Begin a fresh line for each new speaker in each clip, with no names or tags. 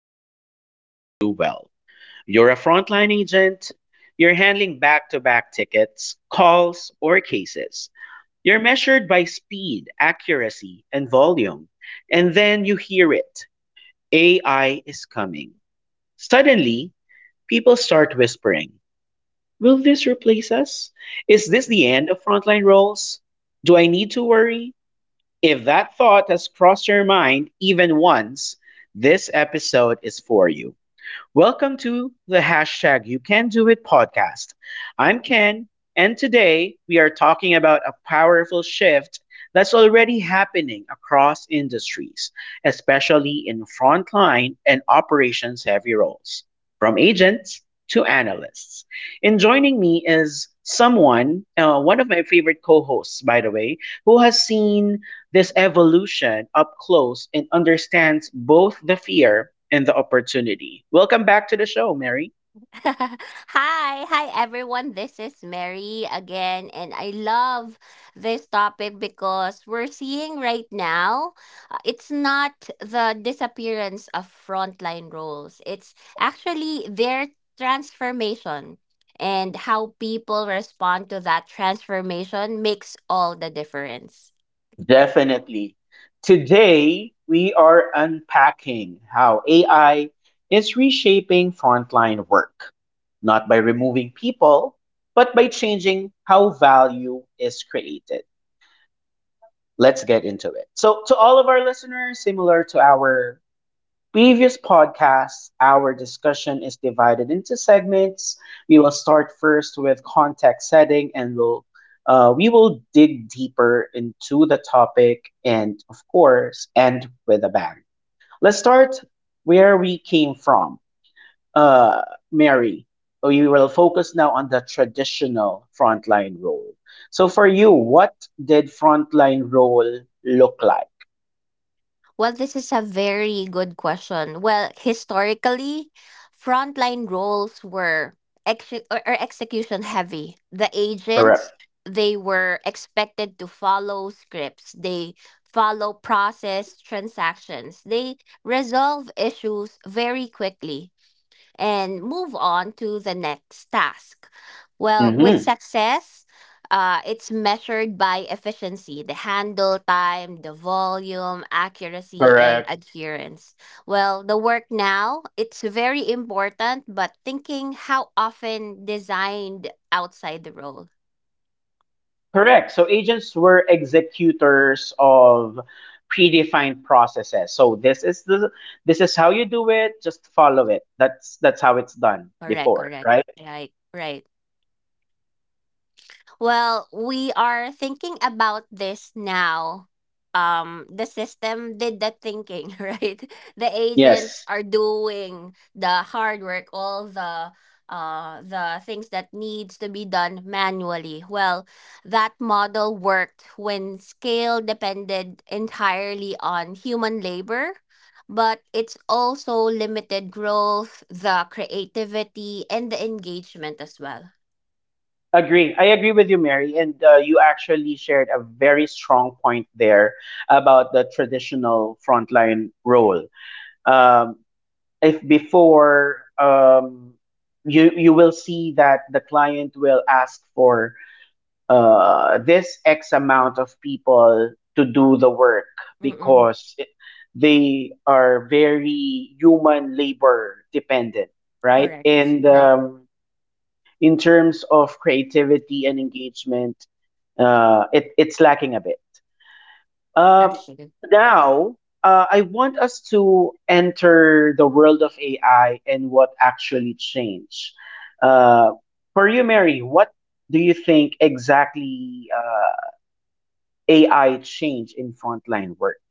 many of us know too well. You're a frontline agent, you're handling back to back tickets, calls, or cases. You're measured by speed, accuracy, and volume. And then you hear it: AI is coming. Suddenly, people start whispering, "Will this replace us? Is this
Mm-mm.
the end of frontline roles? Do I need to worry?" If that thought has crossed your mind even once, this episode is for you. Welcome to the hashtag You Can Do It podcast. I'm Ken, and today we are talking about a powerful shift that's already happening across industries, especially in frontline and operations heavy roles, from agents to analysts. And joining me is someone, one of my favorite co hosts, by the way, who has seen this evolution up close and understands both the fear and the opportunity. Welcome back to the show, Mary.
Hi, everyone. This is Mary again, and I love this topic because we're seeing right now. It's not the disappearance of frontline roles, it's actually their transformation. And how people respond to that transformation makes all the difference.
Definitely. Today, we are unpacking how AI is reshaping frontline work, not by removing people, but by changing how value is created. Let's get into it. So, to all of our listeners, similar to our previous podcasts, our discussion is divided into segments. We will start first with context setting, and we will dig deeper into the topic, and of course, end with a bang. Let's start where we came from. Uh, Mary, we will focus now on the traditional frontline role. So, for you, what did frontline role look like?
Well, this is a very good question. Well, historically, frontline roles were ex- or execution heavy. The agents,
Correct.
they were expected to follow scripts. They follow process transactions. They resolve issues very quickly and move on to the next task. Well, with
Mm-hmm.
success, it's measured by efficiency, the handle time, the volume, accuracy, and
Correct.
adherence. Well, the work now, it's very important, but thinking how often designed outside the role.
Correct. So agents were executors of predefined processes. So this is how you do it. Just follow it. That's how it's done
Correct,
before,
correct.
right?
Right, right. Well, we are thinking about this now. The system did the thinking, right? The agents
Yes.
are doing the hard work, all the things that needs to be done manually. Well, that model worked when scale depended entirely on human labor, but it's also limited growth, the creativity, and the engagement as well.
Agree. I agree with you, Mary. And you actually shared a very strong point there about the traditional frontline role. Um, if before you will see that the client will ask for this X amount of people to do the work
Mm-mm.
because they are very human labor dependent, right?
Correct.
And
Right.
in terms of creativity and engagement, it's lacking a bit. Um,
actually.
now, I want us to enter the world of AI and what actually changed. Uh, for you, Mary, what do you think exactly? AI change in frontline work.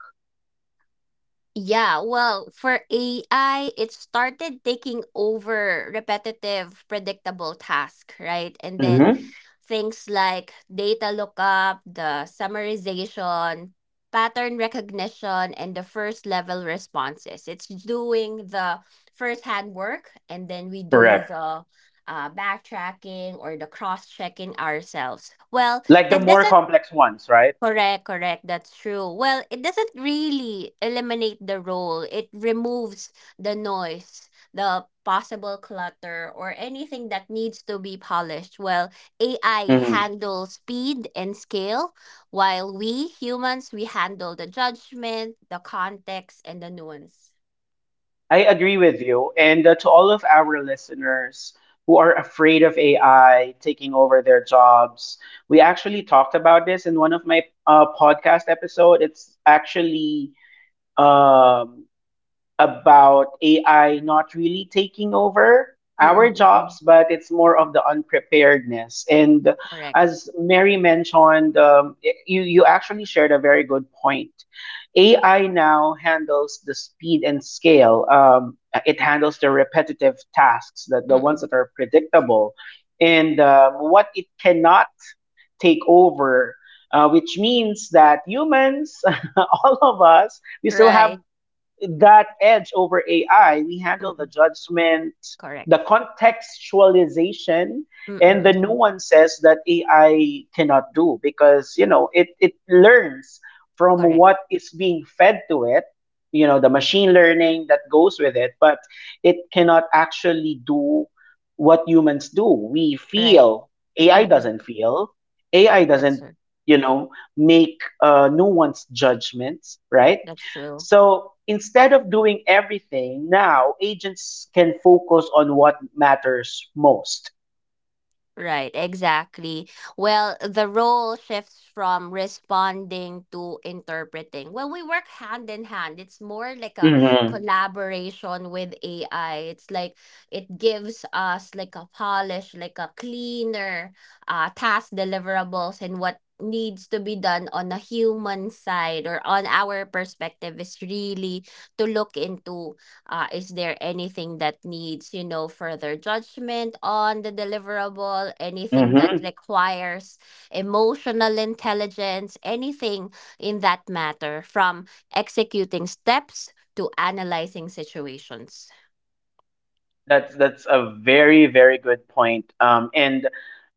Yeah, well, for AI, it started taking over repetitive, predictable tasks, right? And then
Mm-hmm.
things like data lookup, the summarization, pattern recognition, and the first level responses. It's doing the first hand work, and then we do
Correct.
the backtracking or the cross checking ourselves. Well,
Like the
that
more
doesn't—
complex ones, right?
correct, correct. That's true. Well, it doesn't really eliminate the role. It removes the noise, the possible clutter, or anything that needs to be polished. Well, AI
Mm-hmm.
handles speed and scale, while we humans we handle the judgment, the context, and the nuance.
I agree with you. And to all of our listeners who are afraid of AI taking over their jobs, we actually talked about this in one of my podcast episode. It's actually um, about AI not really taking over our
Mm-mm,
jobs,
mm.
but it's more of the unpreparedness. And
Correct.
as Mary mentioned, you actually shared a very good point. AI now handles the speed and scale. It handles the repetitive tasks, that the ones
Mm-mm.
that are predictable. And what it cannot take over, which means that humans, all of us, we still have
Right.
that edge over AI. We handle the
Mm-mm.
judgment,
Correct.
the contextualization,
Mm,
and the
mm-mm.
nuances that AI cannot do because it learns from
Correct.
what is being fed to it, you know, the machine learning that goes with it, but it cannot actually do what humans do. We
Right.
feel, AI
Mm-mm.
doesn't feel. AI
That's
doesn't,
true.
you know, make nuanced judgments, right?
That's true.
So instead of doing everything, now agents can focus on what matters most.
Right, exactly. Well, the role shifts from responding to interpreting. Well, we work hand in hand. It's more like a
Mm-hmm.
collaboration with AI. It's like it gives us like a polish, like a cleaner task deliverables and what needs to be done on a human side or on our perspective is really to look into— is there anything that needs, you know, further judgment on the deliverable? Anything that
Mm-hmm.
requires emotional intelligence? Anything in that matter, from executing steps to analyzing situations?
That's a very good point. And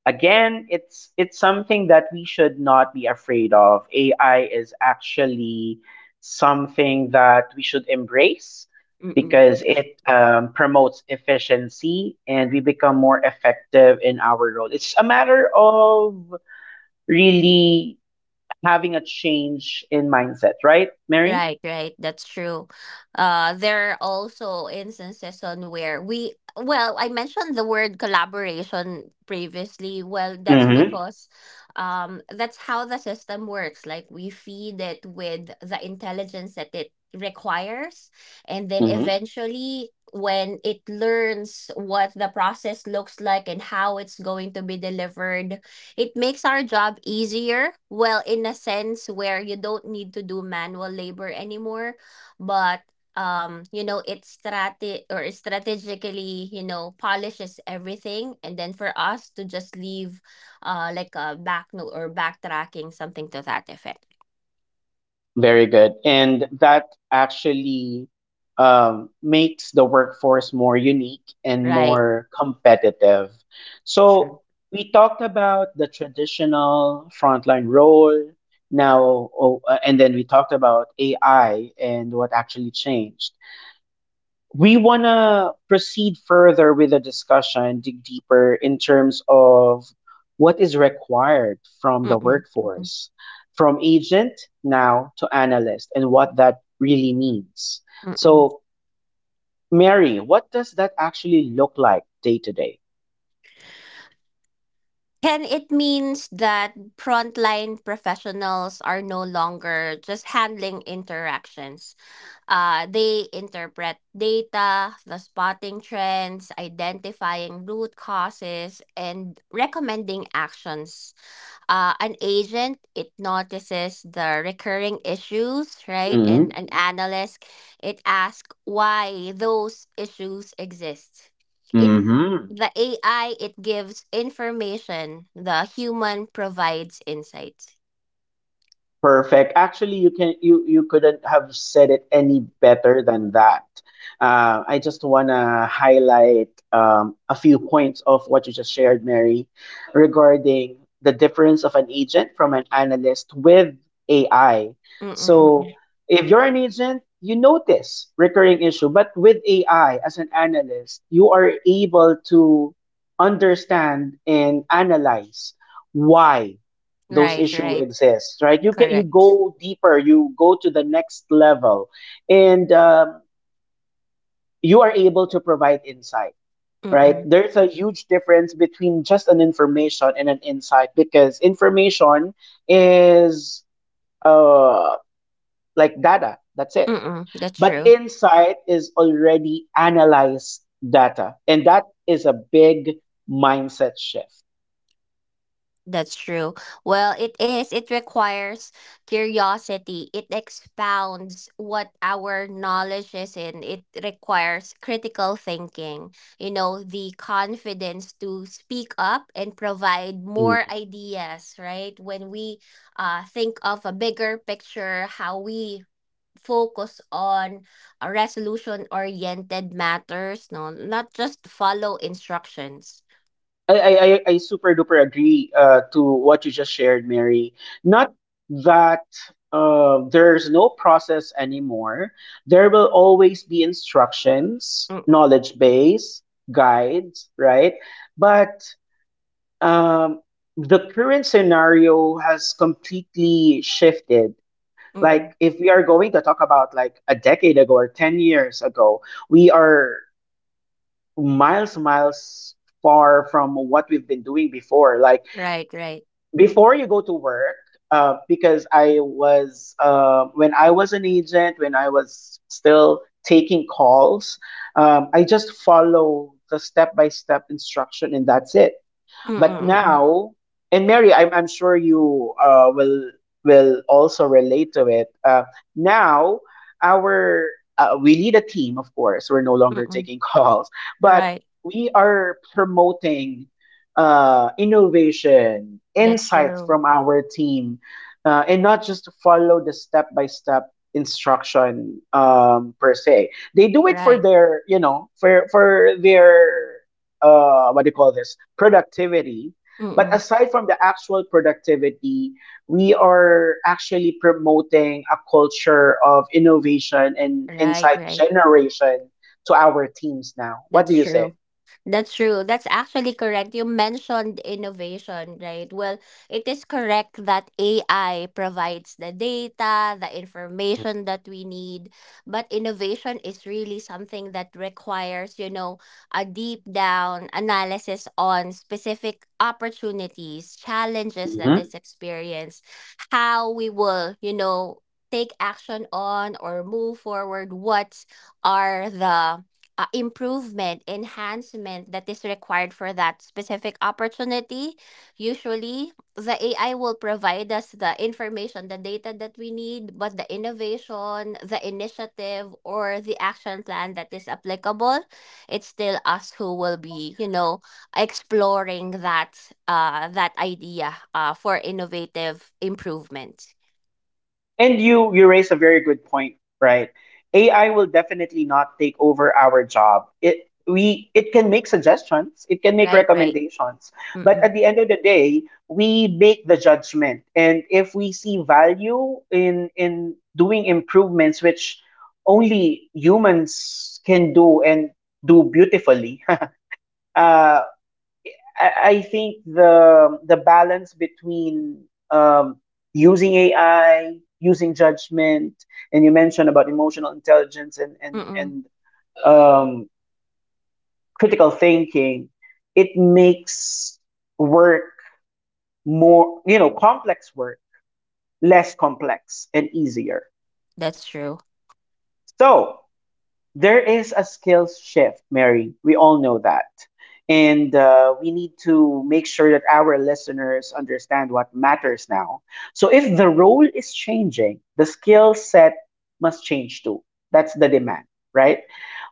again, it's something that we should not be afraid of. AI is actually something that we should embrace
Mm-mm.
because it promotes efficiency and we become more effective in our role. It's a matter of really having a change in mindset, right, Mary?
Right, right. That's true. There are also instances on where we, well, I mentioned the word collaboration previously. Well, that's
Mm-hmm.
because that's how the system works. Like we feed it with the intelligence that it requires. And then
Mm-hmm.
eventually, when it learns what the process looks like and how it's going to be delivered, it makes our job easier, well, in a sense where you don't need to do manual labor anymore, but you know, it strategically, you know, polishes everything, and then for us to just leave, like a back note or backtracking something to that effect,
Very good. And that actually makes the workforce more unique and
right?
more competitive. So,
Sure.
we talked about the traditional frontline role now, oh, and then we talked about AI and what actually changed. We want to proceed further with the discussion, dig deeper in terms of what is required from the
Mm-mm, mm-mm,
workforce, from agent now to analyst, and what that really means.
mm-mm.
So, Mary, what does that actually look like day to day?
Can it means that frontline professionals are no longer just handling interactions? They interpret data, the spotting trends, identifying root causes, and recommending actions. An agent, it notices the recurring issues, right? And an analyst, it asks why those issues exist. It—
Mm-hmm.
the AI— it gives information, the human provides insights.
Perfect. Actually, you can you couldn't have said it any better than that. I just want to highlight a few points of what you just shared, Mary, regarding the difference of an agent from an analyst with AI.
Mm-mm-mm.
So, if you're an agent, you notice recurring issue, but with AI as an analyst, you are able to understand and analyze why those
Right,
issues
right.
exist, right? You get, you
Correct.
go deeper, you go to the next level, and you are able to provide insight, right?
Mm-mm.
There's a huge difference between just an information and an insight, because information is uh like data, that's it,
Mm-mm. That's
but
true.
insight is already analyzed data, and that is a big mindset shift.
That's true. Well, it is. It requires curiosity. It expounds what our knowledge is in. It requires critical thinking, you know, the confidence to speak up and provide more ideas, right? When we think of a bigger picture, how we focus on resolution oriented matters, no, not just follow instructions.
I super duper agree to what you just shared, Mary. Not that there's no process anymore. There will always be instructions,
Mm-mm,
knowledge base, guides, right? But um, the current scenario has completely shifted.
mm-mm.
Like if we are going to talk about like a decade ago or 10 years ago, we are miles far from what we've been doing before. Like
Right, right.
before you go to work because I was when I was an agent when I was still taking calls I just follow the step by step instruction and that's it,
Mm,
but
mm, mm.
now, and Mary, I'm sure you will also relate to it. Now, our we lead a team, of course. We're no longer
Mm,
taking calls, but
right.
we are promoting innovation,
That's
insights
true.
from our team, and not just to follow the step by step instruction per se. They do it for
Right.
their, you know, for their what do you call this? Productivity. But
Mm.
aside from the actual productivity, we are actually promoting a culture of innovation and
Right,
insight
right.
generation to our teams now. What
That's
do you say?
true. That's true. That's actually correct. You mentioned innovation, right? Well, it is correct that AI provides the data, the information that we need, but innovation is really something that requires, you know, a deep down analysis on specific opportunities, challenges that
Mhm.
is experienced, how we will, you know, take action on or move forward, what are the improvement, enhancement that is required for that specific opportunity, usually the AI will provide us the information, the data that we need, but the innovation, the initiative, or the action plan that is applicable, it's still us who will be, you know, exploring that idea for innovative improvement.
And you raise a very good point, right? AI will definitely not take over our job. It can make suggestions, it can make
Right, right.
recommendations, but
Mm-mm.
at the end of the day, we make the judgment. And if we see value in doing improvements, which only humans can do, and do beautifully, uh, I, I think the balance between using AI, using judgment, and you mentioned about emotional intelligence and and
Mm-mm.
and um, critical thinking, it makes work more you know complex work less complex and easier.
That's true.
So there is a skills shift, Mary. We all know that. And we need to make sure that our listeners understand what matters now. So, if the role is changing, the skill set must change too. That's the demand, right?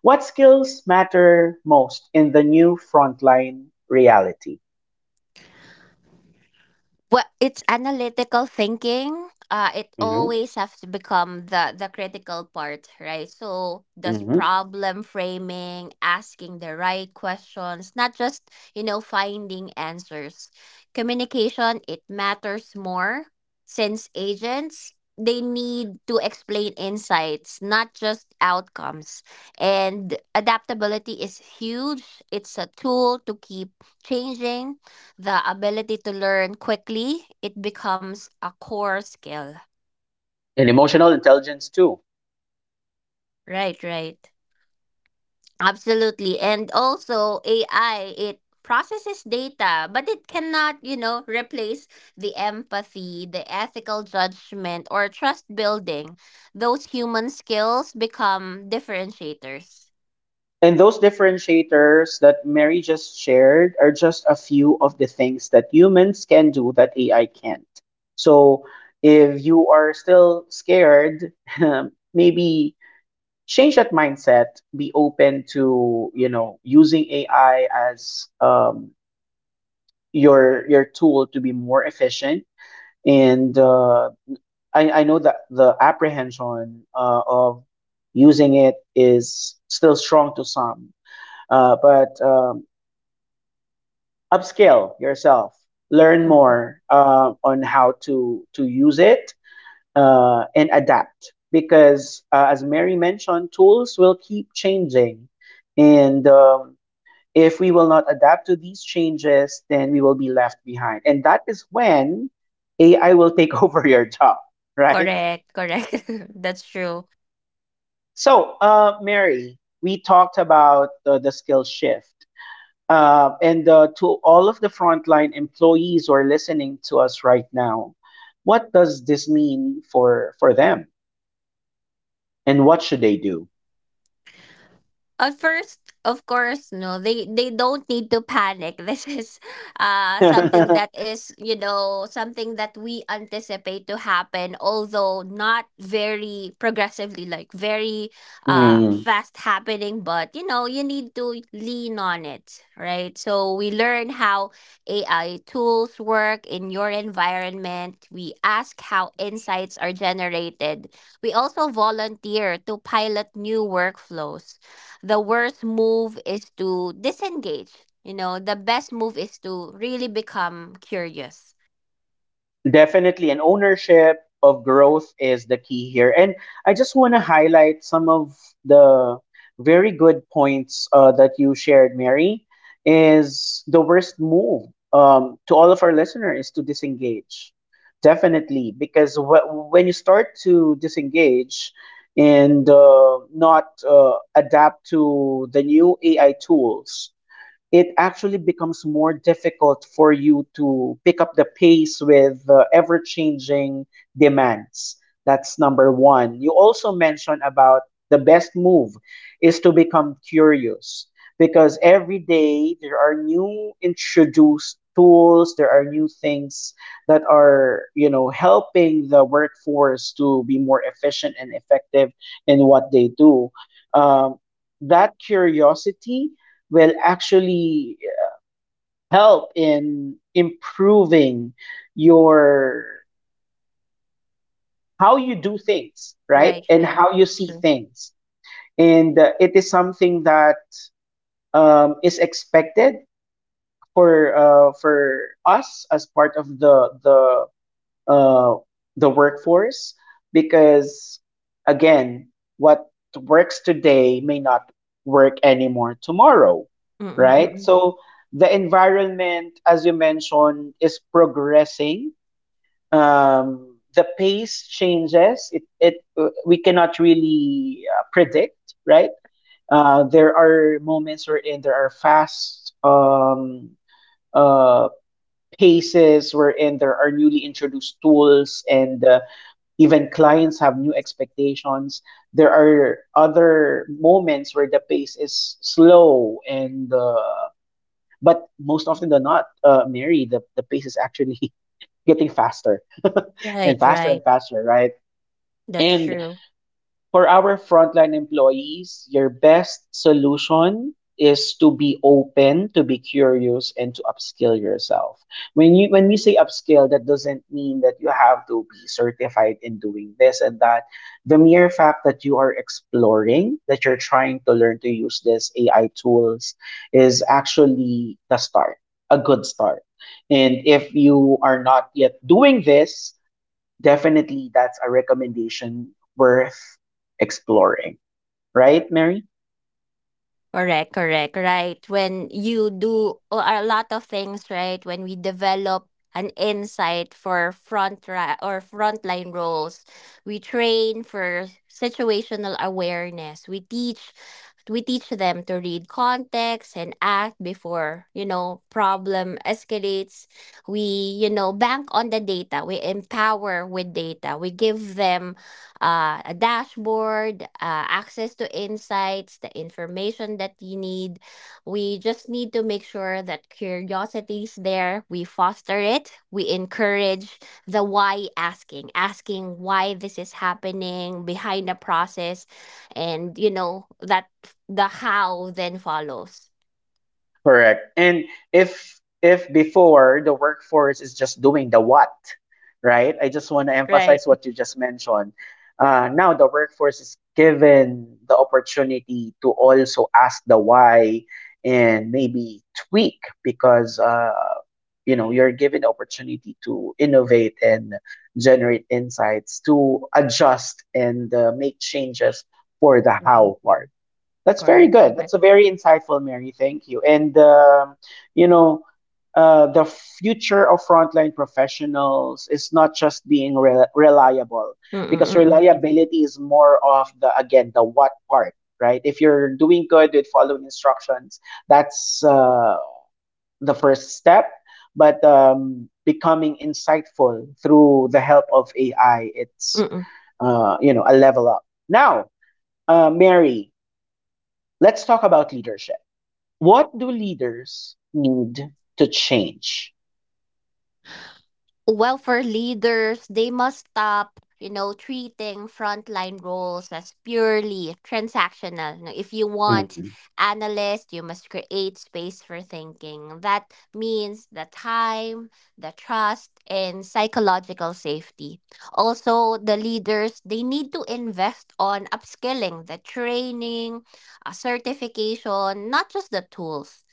What skills matter most in the new frontline reality?
Well, it's analytical thinking. It
Hmm.
always has to become the critical part, right? So does
Hmm.
problem framing, asking the right questions, not just, you know, finding answers. Communication, it matters more since agents, they need to explain insights, not just outcomes. And adaptability is huge. It's a tool to keep changing. The ability to learn quickly, it becomes a core skill.
And emotional intelligence too.
Right, right. Absolutely. And also AI, it processes data, but it cannot, you know, replace the empathy, the ethical judgment or trust building. Those human skills become differentiators.
And those differentiators that Mary just shared are just a few of the things that humans can do that AI can't. So if you are still scared, maybe change that mindset, be open to, you know, using AI as your tool to be more efficient. And I know that the apprehension of using it is still strong to some. But upscale yourself, learn
Mm.
more on how to use it and adapt because as Mary mentioned, tools will keep changing, and if we will not adapt to these changes then we will be left behind, and that is when AI will take over your job, right?
Correct, correct. That's true.
So Mary, we talked about the skill shift. And to all of the frontline employees who are listening to us right now, what does this mean for them, and what should they do?
At first, of course, no, they don't need to panic. This is something that is, you know, something that we anticipate to happen, although not very progressively, like very
Hmm.
fast happening, but you know, you need to lean on it, right? So we learn how AI tools work in your environment. We ask how insights are generated. We also volunteer to pilot new workflows. The worst move is to disengage. You know, the best move is to really become curious.
Definitely, an ownership of growth is the key here. And I just want to highlight some of the very good points that you shared, Mary. Is the worst move to all of our listeners is to disengage. Definitely, because when you start to disengage and not adapt to the new AI tools, it actually becomes more difficult for you to pick up the pace with the ever changing demands. That's number one. You also mentioned about the best move is to become curious because every day there are new introduced tools, there are new things that are, you know, helping the workforce to be more efficient and effective in what they do. Um, that curiosity will actually help in improving your how you do things, right?
Right,
And
right.
how you
That's
see
true.
things. And It is something that is expected for us as part of uh, the workforce, because again, what works today may not work anymore tomorrow, right?
Mm-mm-mm.
So the environment, as you mentioned, is progressing. The pace changes it, it we cannot really predict, right? There are moments wherein there are fast uh paces wherein there are newly introduced tools and even clients have new expectations. There are other moments where the pace is slow and but most often than not, Mary, the pace is actually getting faster
Right,
and
right.
faster, right?
That's
And
true.
for our frontline employees, your best solution is to be open, to be curious, and to upskill yourself. When you when we say upskill, that doesn't mean that you have to be certified in doing this and that. The mere fact that you are exploring, that you're trying to learn to use these AI tools, is actually the start, a good start. And if you are not yet doing this, definitely, that's a recommendation worth exploring, right, Mary?
Correct, correct, right. When you do a lot of things, right? When we develop an insight for front ra- or frontline roles, we train for situational awareness. We teach them to read context and act before, you know, problem escalates. We, you know, bank on the data. We empower with data. We give them a dashboard, access to insights, the information that you need. We just need to make sure that curiosity is there. We foster it. We encourage the why asking, asking why this is happening behind the process. And, you know, that the how then follows.
Correct. And if before the workforce is just doing the what, right? I just want to
Right.
emphasize what you just mentioned. Now the workforce is given the opportunity to also ask the why, and maybe tweak, because you know, you're given the opportunity to innovate and generate insights, to adjust and make changes for the
Mm-mm.
how part. That's very
Correct.
good. That's a
Correct.
very insightful, Mary. Thank you. And you know, the future of frontline professionals is not just being reliable, because
Mm-mm, mm-mm.
reliability is more of the, again, the what part, right? If you're doing good with following instructions, that's the first step. But becoming insightful through the help of AI, it's
Mm-mm.
a level up. Now, Mary, let's talk about leadership. What do leaders need to change?
Well, for leaders, they must stop, you know, treating frontline roles as purely transactional. No, if you want
Mhm.
analysts, you must create space for thinking. That means the time, the trust, and psychological safety. Also, the leaders, they need to invest on upskilling, the training, certification, not just the tools.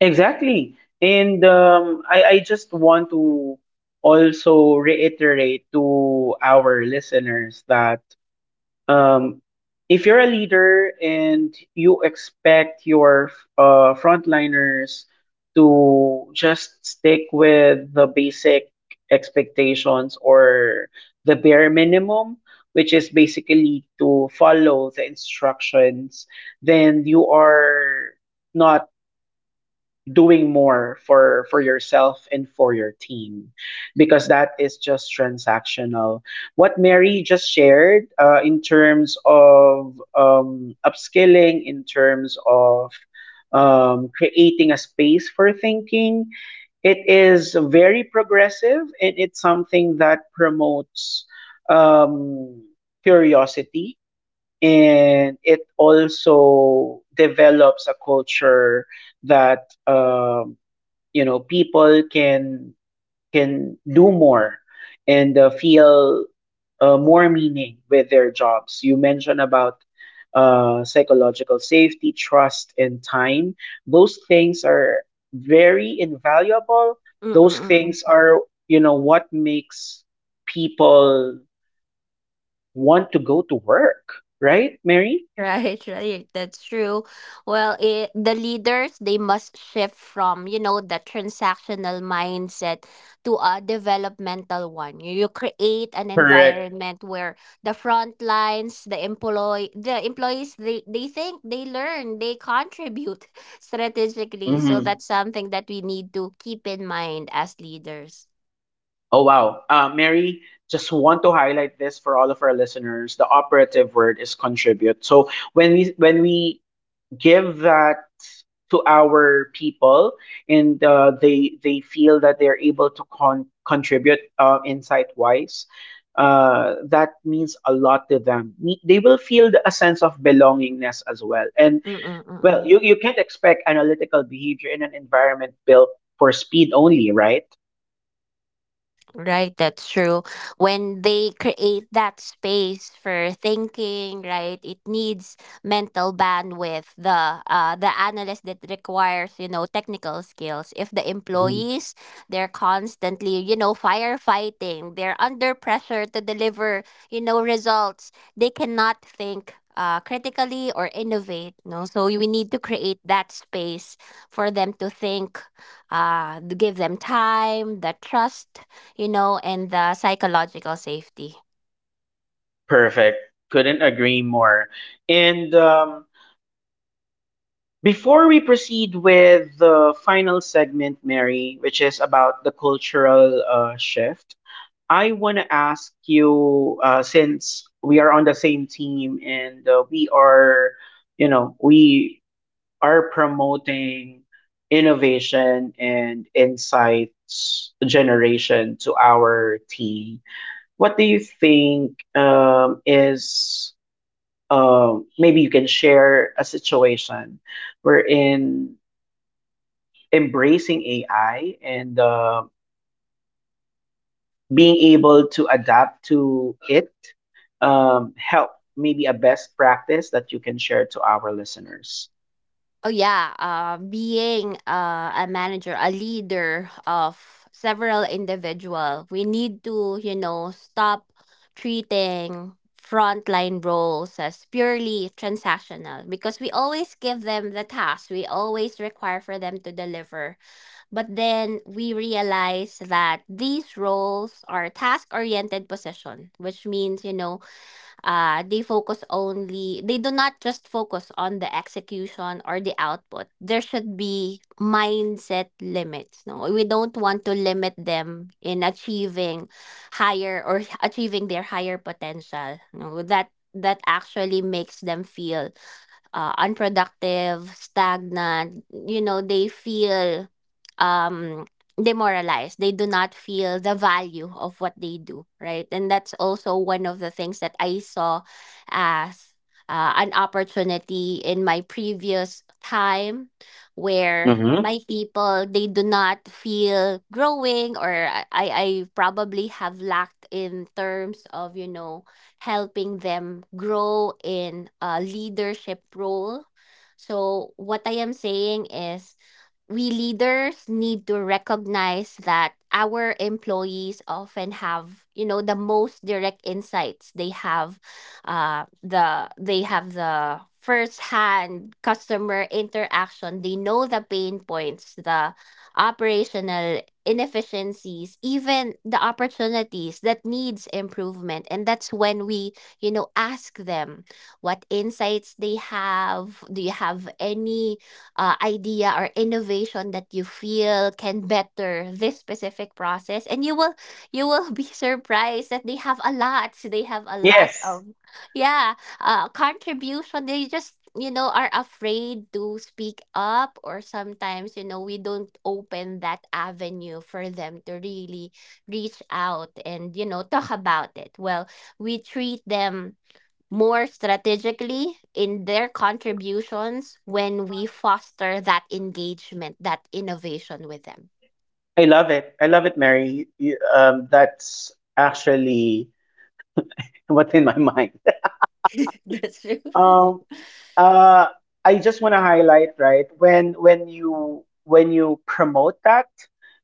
Exactly. And I just want to also reiterate to our listeners that um, if you're a leader and you expect your frontliners to just stick with the basic expectations, or the bare minimum, which is basically to follow the instructions, then you are not doing more for yourself and for your team, because that is just transactional. What Mary just shared in terms of upskilling, in terms of creating a space for thinking, it is very progressive and it's something that promotes um, curiosity, and it also develops a culture that, you know, people can do more and feel more meaning with their jobs. You mentioned about psychological safety, trust, and time. Those things are very invaluable. Those
Mm-mm-mm.
things are, you know, what makes people want to go to work, right, Mary?
Right, right. That's true. Well, it, the leaders, they must shift from, you know, the transactional mindset to a developmental one. You create an
Correct.
environment where the front lines, the employees, they think, they learn, they contribute strategically. So
Mhm.
that's something that we need to keep in mind as leaders.
Oh, wow. Mary, just want to highlight this for all of our listeners. The operative word is contribute. So when we give that to our people, and they feel that they're able to contribute, insight wise, that means a lot to them. They will feel a sense of belongingness as well. And well,
Mm-mm-mm.
you can't expect analytical behavior in an environment built for speed only, right?
Right, that's true. When they create that space for thinking, right, it needs mental bandwidth. The analyst that requires, you know, technical skills. If the employees, they're constantly, you know, firefighting, they're under pressure to deliver, you know, results. They cannot think critically or innovate, no, so we need to create that space for them to think, give them time, the trust, you know, and the psychological safety.
Perfect. Couldn't agree more. And before we proceed with the final segment, Mary, which is about the cultural shift, I want to ask you since we are on the same team and we are, you know, we are promoting innovation and insights generation to our team. What do you think, is maybe you can share a situation wherein embracing AI and being able to adapt to it help, maybe a best practice that you can share to our listeners.
Oh yeah, being a manager, a leader of several individual, we need to, you know, stop treating frontline roles as purely transactional, because we always give them the task, we always require for them to deliver. But then we realize that these roles are task oriented position, which means, you know, they focus only, they do not just focus on the execution or the output. There should be mindset limits. No, we don't want to limit them in achieving higher or achieving their higher potential. No, that that actually makes them feel unproductive, stagnant. You know, they feel um, demoralized. They do not feel the value of what they do, right? And that's also one of the things that I saw as an opportunity in my previous time where
Mm-hmm.
my people, they do not feel growing, or I probably have lacked in terms of, you know, helping them grow in a leadership role. So what I am saying is, we leaders need to recognize that our employees often have, you know, the most direct insights. They have the first hand customer interaction. They know the pain points, the operational inefficiencies, even the opportunities that needs improvement. And that's when we, you know, ask them what insights they have. Do you have any idea or innovation that you feel can better this specific process? And you will— you will be surprised that they have a lot. They have a lot
Yes,
of— yeah— contribution. They just, you know, are afraid to speak up, or sometimes, you know, we don't open that avenue for them to really reach out and, you know, talk about it. Well, we treat them more strategically in their contributions when we foster that engagement, that innovation with them.
I love it. I love it, Mary. You, that's actually what's in my mind.
That's true.
Um, Uh, I just want to highlight, right, when you promote that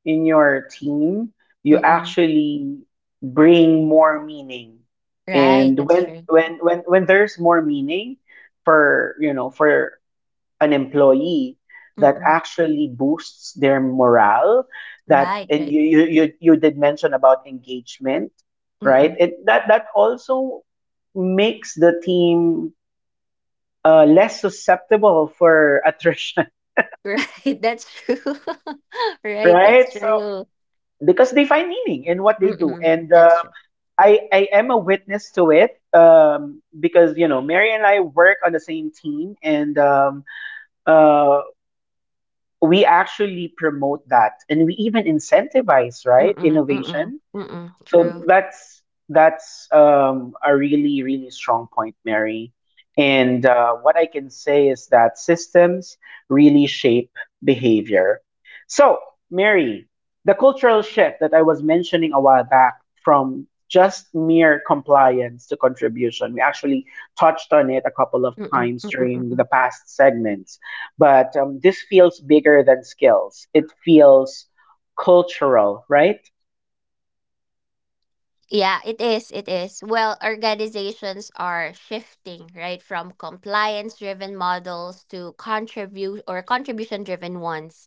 in your team, you
Mm-mm.
actually bring more meaning.
Right,
And
that's
when
true.
there's more meaning for, you know, for an employee, that
Mm-mm.
actually boosts their morale, that,
Right,
and
right.
you did mention about engagement, right?
Mm-mm.
It That that also makes the team less susceptible for attrition,
Right, that's true. Right, that's
right? So
true.
because they find meaning in what they do,
Mm-mm.
and
That's true.
I am a witness to it, because, you know, Mary and I work on the same team, and uh, we actually promote that, and we even incentivize, right,
Mm-mm. Mm-mm.
innovation.
Mm-mm.
So
True.
that's, a really really strong point, Mary. And what I can say is that systems really shape behavior. So, Mary, the cultural shift that I was mentioning a while back, from just mere compliance to contribution, we actually touched on it a couple of
Mm-mm.
times
Mm-mm.
during the
Mm-mm.
past segments, but this feels bigger than skills. It feels cultural, right?
Yeah, it is. It is. Well, organizations are shifting, right, from compliance-driven models to contribute or contribution-driven ones.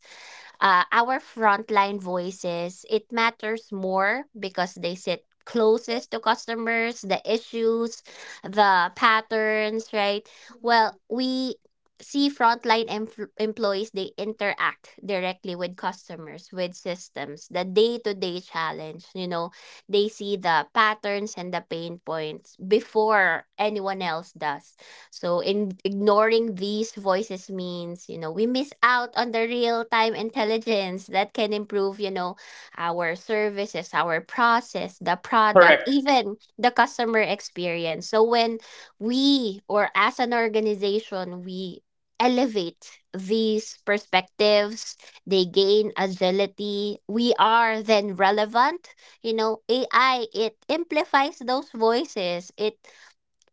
Our frontline voices, it matters more because they sit closest to customers, the issues, the patterns, right? Well, we see employees, they interact directly with customers, with systems, the day-to-day challenge. You know, they see the patterns and the pain points before anyone else does. So in ignoring these voices means, you know, we miss out on the real-time intelligence that can improve, you know, our services, our process, the product,
Correct.
even the customer experience. So when we, or as an organization, we elevate these perspectives, they gain agility. We are then relevant. You know, AI, it amplifies those voices. It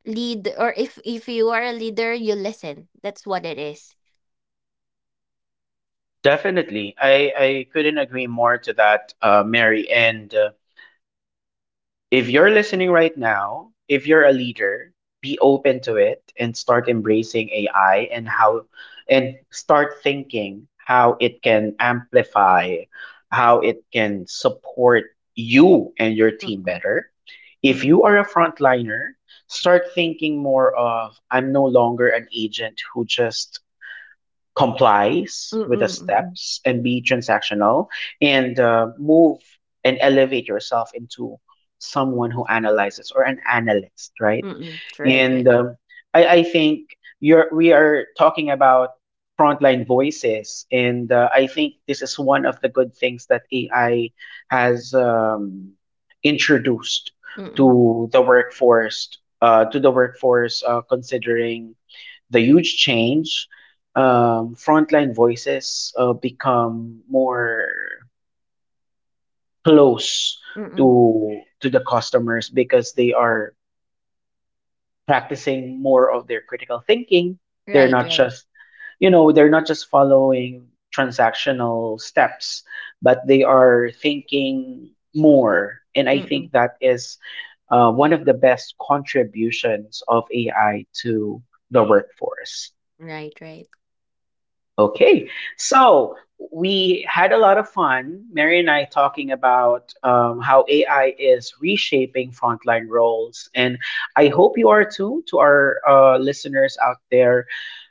lead or if you are a leader, you listen. That's what it is.
Definitely. I couldn't agree more to that, Mary. And if you're listening right now, if you're a leader, be open to it and start embracing AI, and start thinking how it can amplify, how it can support you and your team
Mm-mm,
better. If
mm-mm,
you are a frontliner, start thinking more of, I'm no longer an agent who just complies with the
mm-mm, mm-mm,
steps and be transactional, and move and elevate yourself into someone who analyzes, or an analyst, right?
mm-mm. Right,
and
right.
um, I, I think you're we are talking about frontline voices, and I think this is one of the good things that AI has introduced
Mm-mm,
to the workforce, considering the huge change. Frontline voices become more close
mm-mm.
to the customers, because they are practicing more of their critical thinking. They're
Right,
not
right.
just, you know, they're not just following transactional steps, but they are thinking more. And I
Mm-mm,
think that is one of the best contributions of AI to the workforce.
right, right.
Okay, so we had a lot of fun, Mary and I, talking about how AI is reshaping frontline roles. And I hope you are too, to our listeners out there.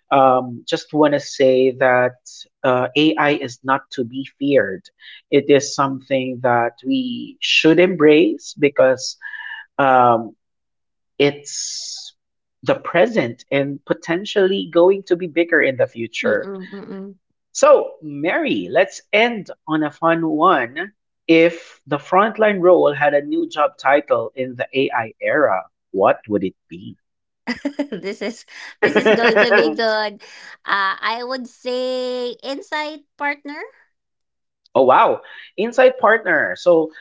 Just want to say that AI is not to be feared. It is something that we should embrace because um, it's the present, and potentially going to be bigger in the future.
Mm-mm, mm-mm.
So, Mary, let's end on a fun one. If the frontline role had a new job title in the AI era, what would it be?
This— is this is going to be
Oh,
good. Uh, I would say inside partner.
wow. Inside partner. So,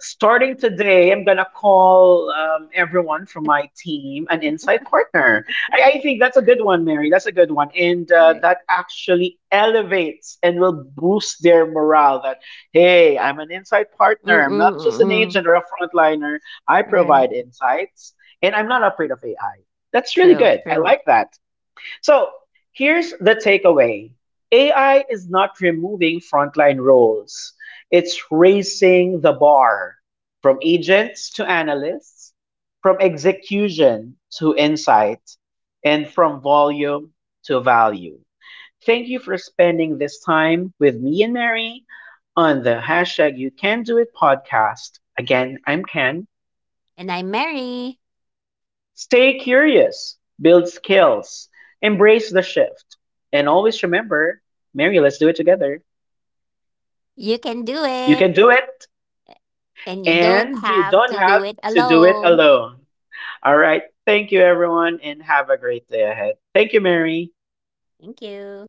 starting today, I'm gonna call everyone from my team an insight partner. I think that's a good one, Mary. That's a good one, and
Right.
that actually elevates and will boost their morale. That Hey, I'm an insight partner. I'm
Mm-mm,
not just an
mm-mm.
agent or a frontliner. I
Right,
provide insights, and I'm not afraid of AI. That's really
true,
good. I
true.
like that. So here's the takeaway: AI is not removing frontline roles, it's raising the bar, from agents to analysts, from execution to insight, and from volume to value. Thank you for spending this time with me and Mary on the #YouCanDoIt podcast. Again, I'm Ken.
And I'm Mary.
Stay curious, build skills, embrace the shift, and always remember, Mary, let's do it together.
You can do
You
it.
can do it,
And you don't
and you
have
don't
to do
have
it
to do it
alone.
alone. All right. Thank you, everyone, and have a great day ahead. Thank you, Mary.
Thank you.